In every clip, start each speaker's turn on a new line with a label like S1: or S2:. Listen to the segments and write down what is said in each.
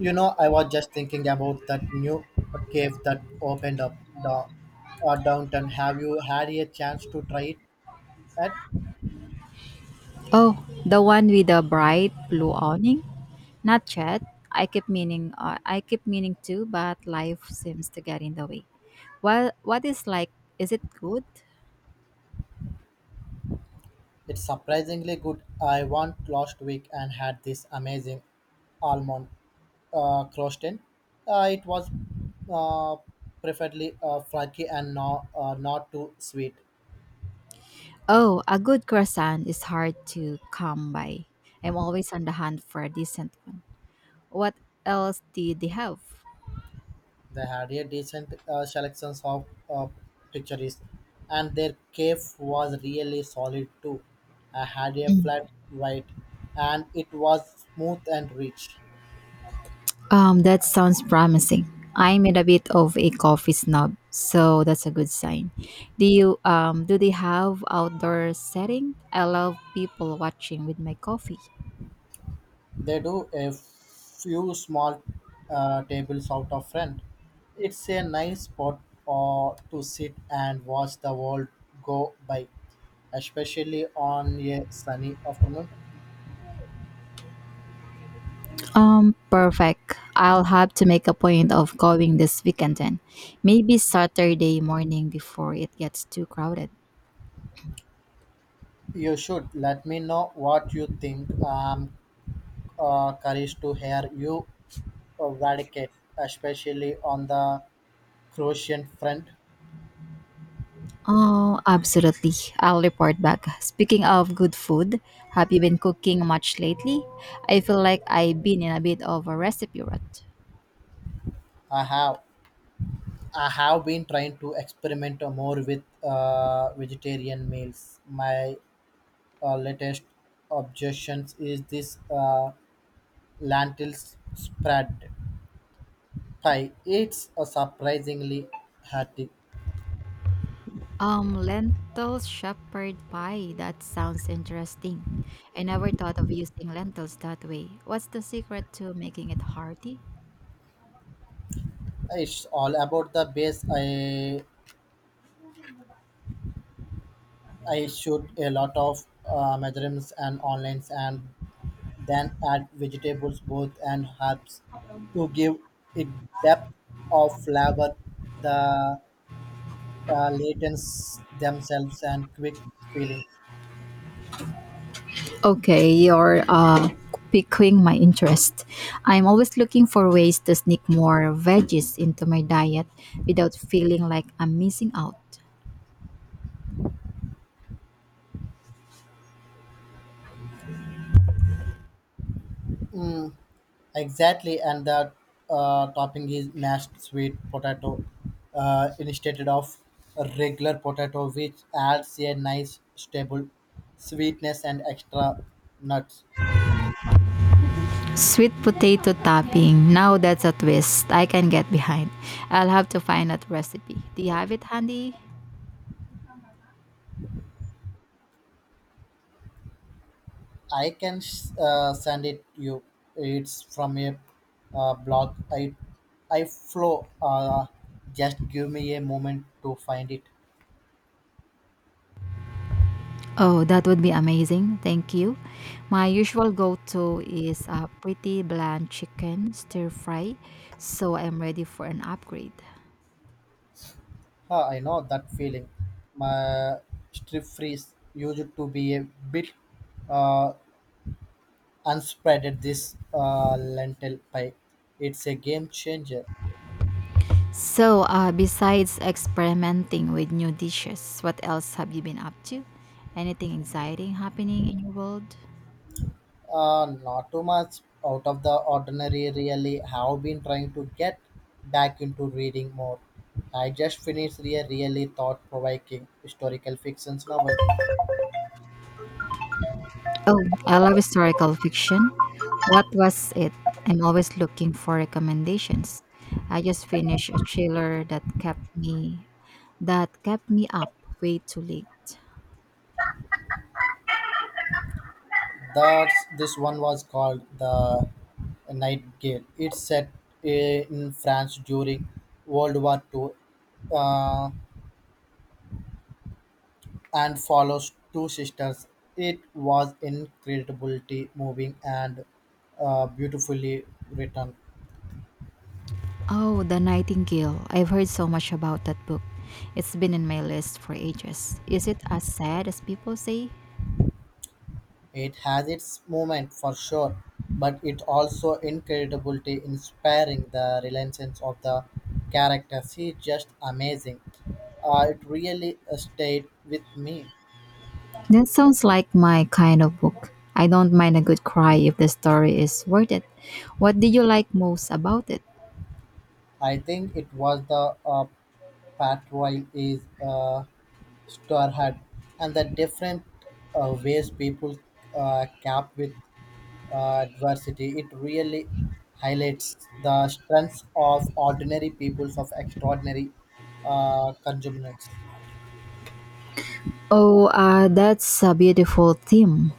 S1: You know, I was just thinking about that new cave that opened up downtown. Have you had a chance to try it? At?
S2: Oh, the one with the bright blue awning? Not yet. I keep meaning to, but life seems to get in the way. Well, what is like, is it good?
S1: It's surprisingly good. I went last week and had this amazing almond croissant. It was uh, preferably flaky and not too sweet.
S2: Oh, a good croissant is hard to come by. I'm always on the hunt for a decent one. What else did they have?
S1: They had a decent selection of uh, pictures, and their cave was really solid too. I had a flat white, and it was smooth and rich.
S2: That sounds promising. I'm in a bit of a coffee snob, so that's a good sign. Do you do they have outdoor setting? I love people watching with my coffee.
S1: They do a few small tables out of front. It's a nice spot to sit and watch the world go by, especially on a sunny afternoon.
S2: Perfect. I'll have to make a point of going this weekend then. Maybe Saturday morning before it gets too crowded.
S1: You should let me know what you think. Courage to hear you advocate, especially on the Croatian front.
S2: Oh, absolutely. I'll report back. Speaking of good food, have you been cooking much lately? I feel like I've been in a bit of a recipe rut.
S1: I have I have been trying to experiment more with vegetarian meals. My latest objections is this lentil spread pie. It's a surprisingly healthy.
S2: Lentil shepherd pie. That sounds interesting. I never thought of using lentils that way. What's the secret to making it hearty?
S1: It's all about the base. I shoot a lot of measurements and online and then add vegetables, both and herbs, to give it depth of flavor, the latents themselves and quick feeling.
S2: Okay, you're piquing my interest. I'm always looking for ways to sneak more veggies into my diet without feeling like I'm missing out.
S1: Mm, exactly, and the topping is mashed sweet potato instead of a regular potato, which adds a nice stable sweetness and extra nuts.
S2: Sweet potato topping. Now that's a twist I can get behind. I'll have to find that recipe. Do you have it handy?
S1: I can send it you. It's from a blog. I flow. Just give me a moment to find it.
S2: Oh, that would be amazing. Thank you. My usual go to is a pretty bland chicken stir fry, so I'm ready for an upgrade.
S1: I know that feeling. My strip freeze used to be a bit uh, unspreaded. This lentil pie. It's a game changer.
S2: So, besides experimenting with new dishes, what else have you been up to? Anything exciting happening in your world?
S1: Not too much out of the ordinary, really. Have been trying to get back into reading more. I just finished a really thought provoking historical fiction novel.
S2: Oh, I love historical fiction. What was it? I'm always looking for recommendations. I just finished a thriller that kept me up way too late.
S1: This one was called The Nightingale. It's set in France during World War Two. uh, and follows two sisters. It was incredibly moving and beautifully written.
S2: Oh, The Nightingale. I've heard so much about that book. It's been in my list for ages. Is it as sad as people say?
S1: It has its moment for sure, but it also incredibly inspiring. The resilience of the characters is just amazing. It really stayed with me.
S2: That sounds like my kind of book. I don't mind a good cry if the story is worth it. What did you like most about it?
S1: I think it was the patrol is star and the different ways people cap with adversity, it really highlights the strengths of ordinary peoples of extraordinary consumers.
S2: Oh, that's a beautiful theme.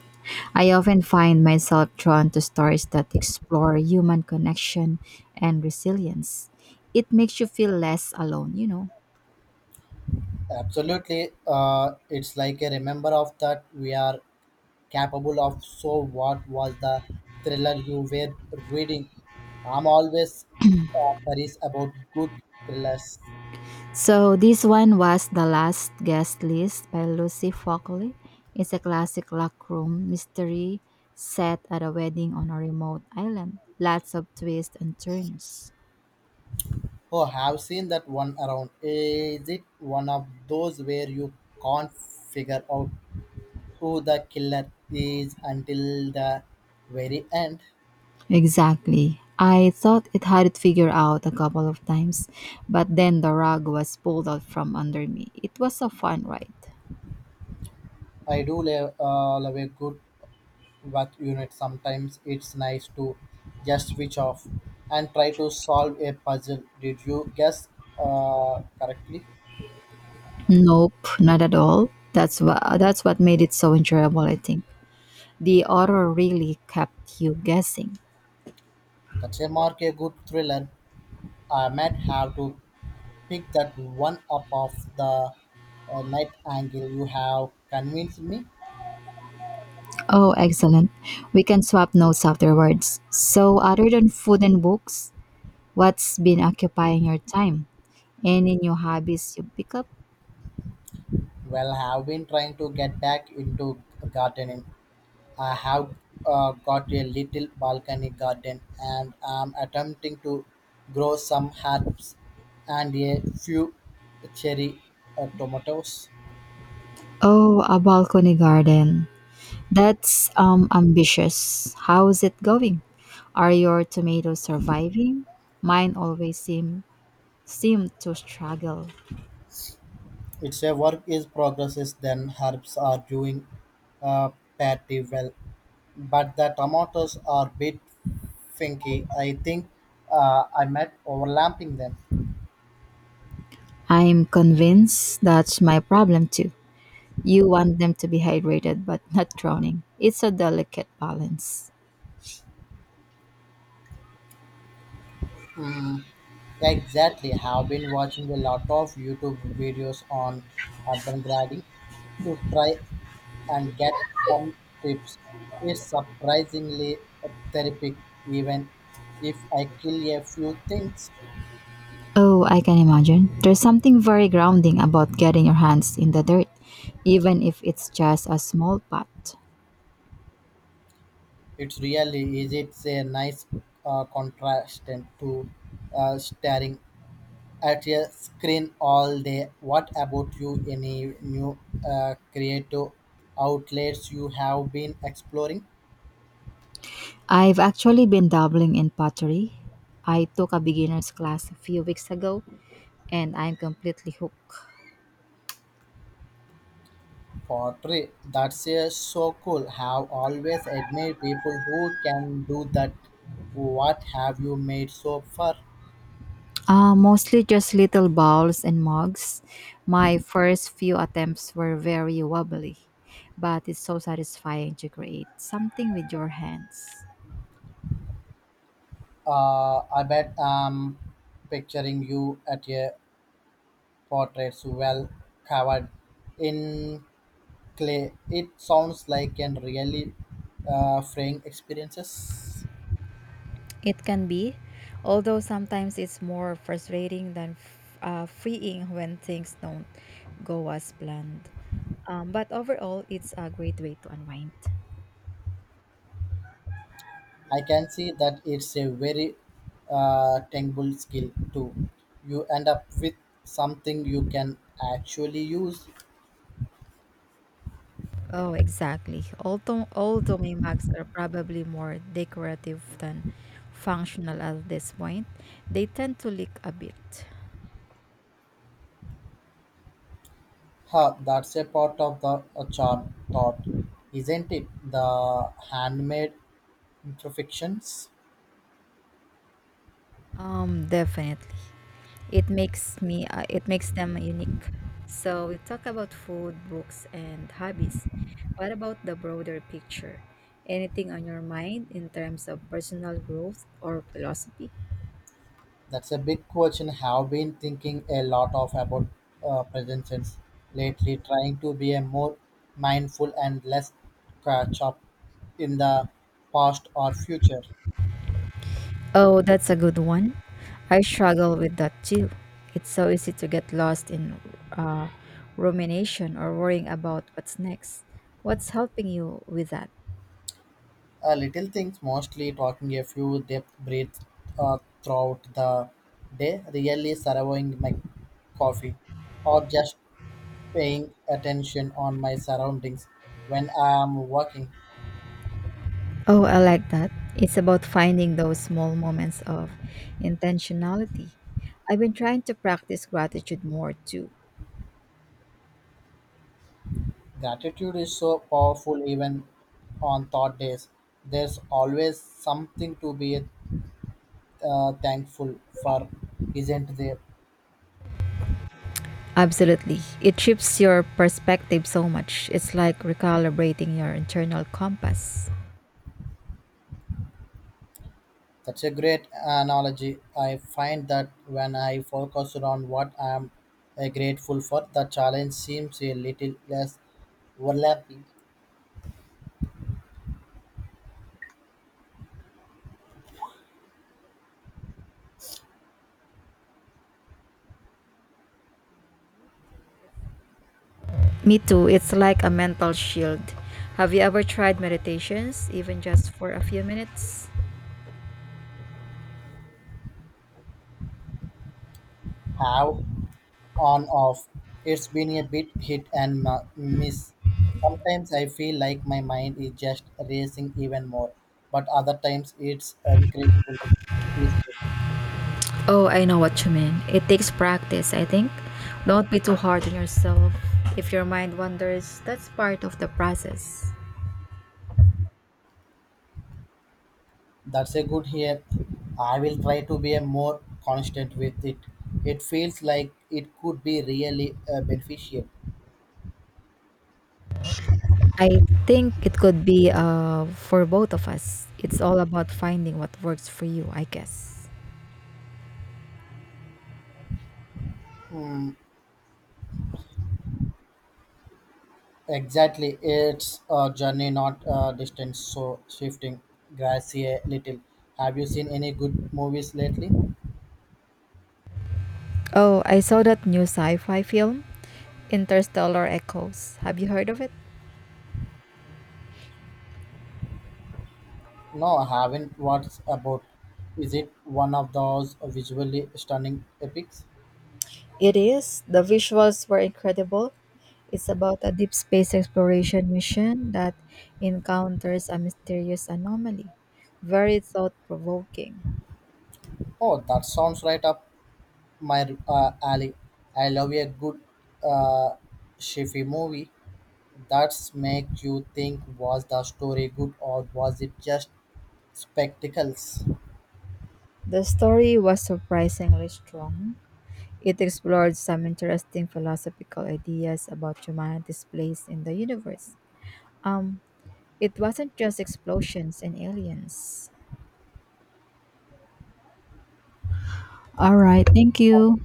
S2: I often find myself drawn to stories that explore human connection and resilience. It makes you feel less alone, you know.
S1: Absolutely, it's like a remember of that we are capable of. So, what was the thriller you were reading? I'm always curious about good thrillers.
S2: So this one was The Last Guest List by Lucy Fockley. It's a classic lockroom mystery set at a wedding on a remote island. Lots of twists and turns.
S1: Oh, have seen that one around. Is it one of those where you can't figure out who the killer is until the very end.
S2: Exactly. I thought it had it figured out a couple of times, but then the rug was pulled out from under me. It was a fun ride.
S1: I do love a good work unit. Sometimes it's nice to just switch off and try to solve a puzzle. Did you guess correctly?
S2: Nope, not at all. That's what made it so enjoyable, I think. The author really kept you guessing.
S1: That's a mark a good thriller. I might have to pick that one up of the night angle. You have convinced me.
S2: Oh, excellent. We can swap notes afterwards. So, other than food and books, what's been occupying your time? Any new hobbies you pick up?
S1: Well, I have been trying to get back into gardening. I have got a little balcony garden and I'm attempting to grow some herbs and a few cherry tomatoes.
S2: Oh, a balcony garden. That's ambitious. How's it going? Are your tomatoes surviving? Mine always seem to struggle.
S1: It's a work is progresses then herbs are doing uh, pretty well, but the tomatoes are bit finky. I think I might overlapping them.
S2: I'm convinced that's my problem too. You want them to be hydrated but not drowning. It's a delicate balance.
S1: Hmm, exactly. Have been watching a lot of YouTube videos on urban gardening to try and get some tips. It's surprisingly therapeutic, even if I kill a few things.
S2: Oh, I can imagine. There's something very grounding about getting your hands in the dirt, even if it's just a small pot.
S1: It's really easy. It's a nice contrast to staring at a screen all day. What about you? Any new creative outlets you have been exploring?
S2: I've actually been dabbling in pottery. I took a beginner's class a few weeks ago and I'm completely hooked.
S1: Pottery, that's a so cool. Have always admired people who can do that. What have you made so far?
S2: Mostly just little bowls and mugs. My first few attempts were very wobbly, but it's so satisfying to create something with your hands.
S1: I bet I'm picturing you at a portrait well covered in clay. It sounds like an really freeing experiences.
S2: It can be, although sometimes it's more frustrating than freeing when things don't go as planned. But overall, it's a great way to unwind.
S1: I can see that it's a very tangible skill too. You end up with something you can actually use.
S2: Oh, exactly. Although my mugs are probably more decorative than functional at this point, they tend to leak a bit.
S1: That's a part of the charm, thought, isn't it? The handmade imperfections.
S2: Definitely. It makes me it makes them unique. So we talk about food, books, and hobbies. What about the broader picture? Anything on your mind in terms of personal growth or philosophy?
S1: That's a big question. Have been thinking a lot of about presences lately, trying to be a more mindful and less catch up in the past or future.
S2: Oh, that's a good one. I struggle with that too. It's so easy to get lost in uh, rumination or worrying about what's next. What's helping you with that?
S1: Little things, mostly talking a few depth breaths throughout the day, really surveying my coffee, or just paying attention on my surroundings when I am working.
S2: Oh, I like that. It's about finding those small moments of intentionality. I've been trying to practice gratitude more too.
S1: Gratitude is so powerful even on thought days. There's always something to be thankful for, isn't there?
S2: Absolutely. It shifts your perspective so much. It's like recalibrating your internal compass.
S1: That's a great analogy. I find that when I focus on what I am grateful for, the challenge seems a little less overlapping.
S2: Me too. It's Me too. It's like a mental shield. Have you ever tried meditations, even just for a few minutes?
S1: How on off. It's been a bit hit and miss. Sometimes I feel like my mind is just racing even more, but other times it's incredibly peaceful.
S2: Oh, I know what you mean. It takes practice, I think. Don't be too hard on yourself. If your mind wanders, that's part of the process.
S1: That's a good here. I will try to be a more constant with it. It feels like it could be really beneficial.
S2: I think it could be for both of us. It's all about finding what works for you, I guess.
S1: Mm, exactly. It's a journey, not a distance. So shifting, grassy a little. Have you seen any good movies lately?
S2: Oh, I saw that new sci fi film, Interstellar Echoes. Have you heard of it?
S1: No, I haven't. What's about? Is it one of those visually stunning epics?
S2: It is. The visuals were incredible. It's about a deep space exploration mission that encounters a mysterious anomaly. Very thought provoking.
S1: Oh, that sounds right up my alley. I love a good uh, sci-fi movie that's make you think was the story good or was it just spectacles?
S2: The story was surprisingly strong. It explored some interesting philosophical ideas about humanity's place in the universe. Um, it wasn't just explosions and aliens. All right, thank you.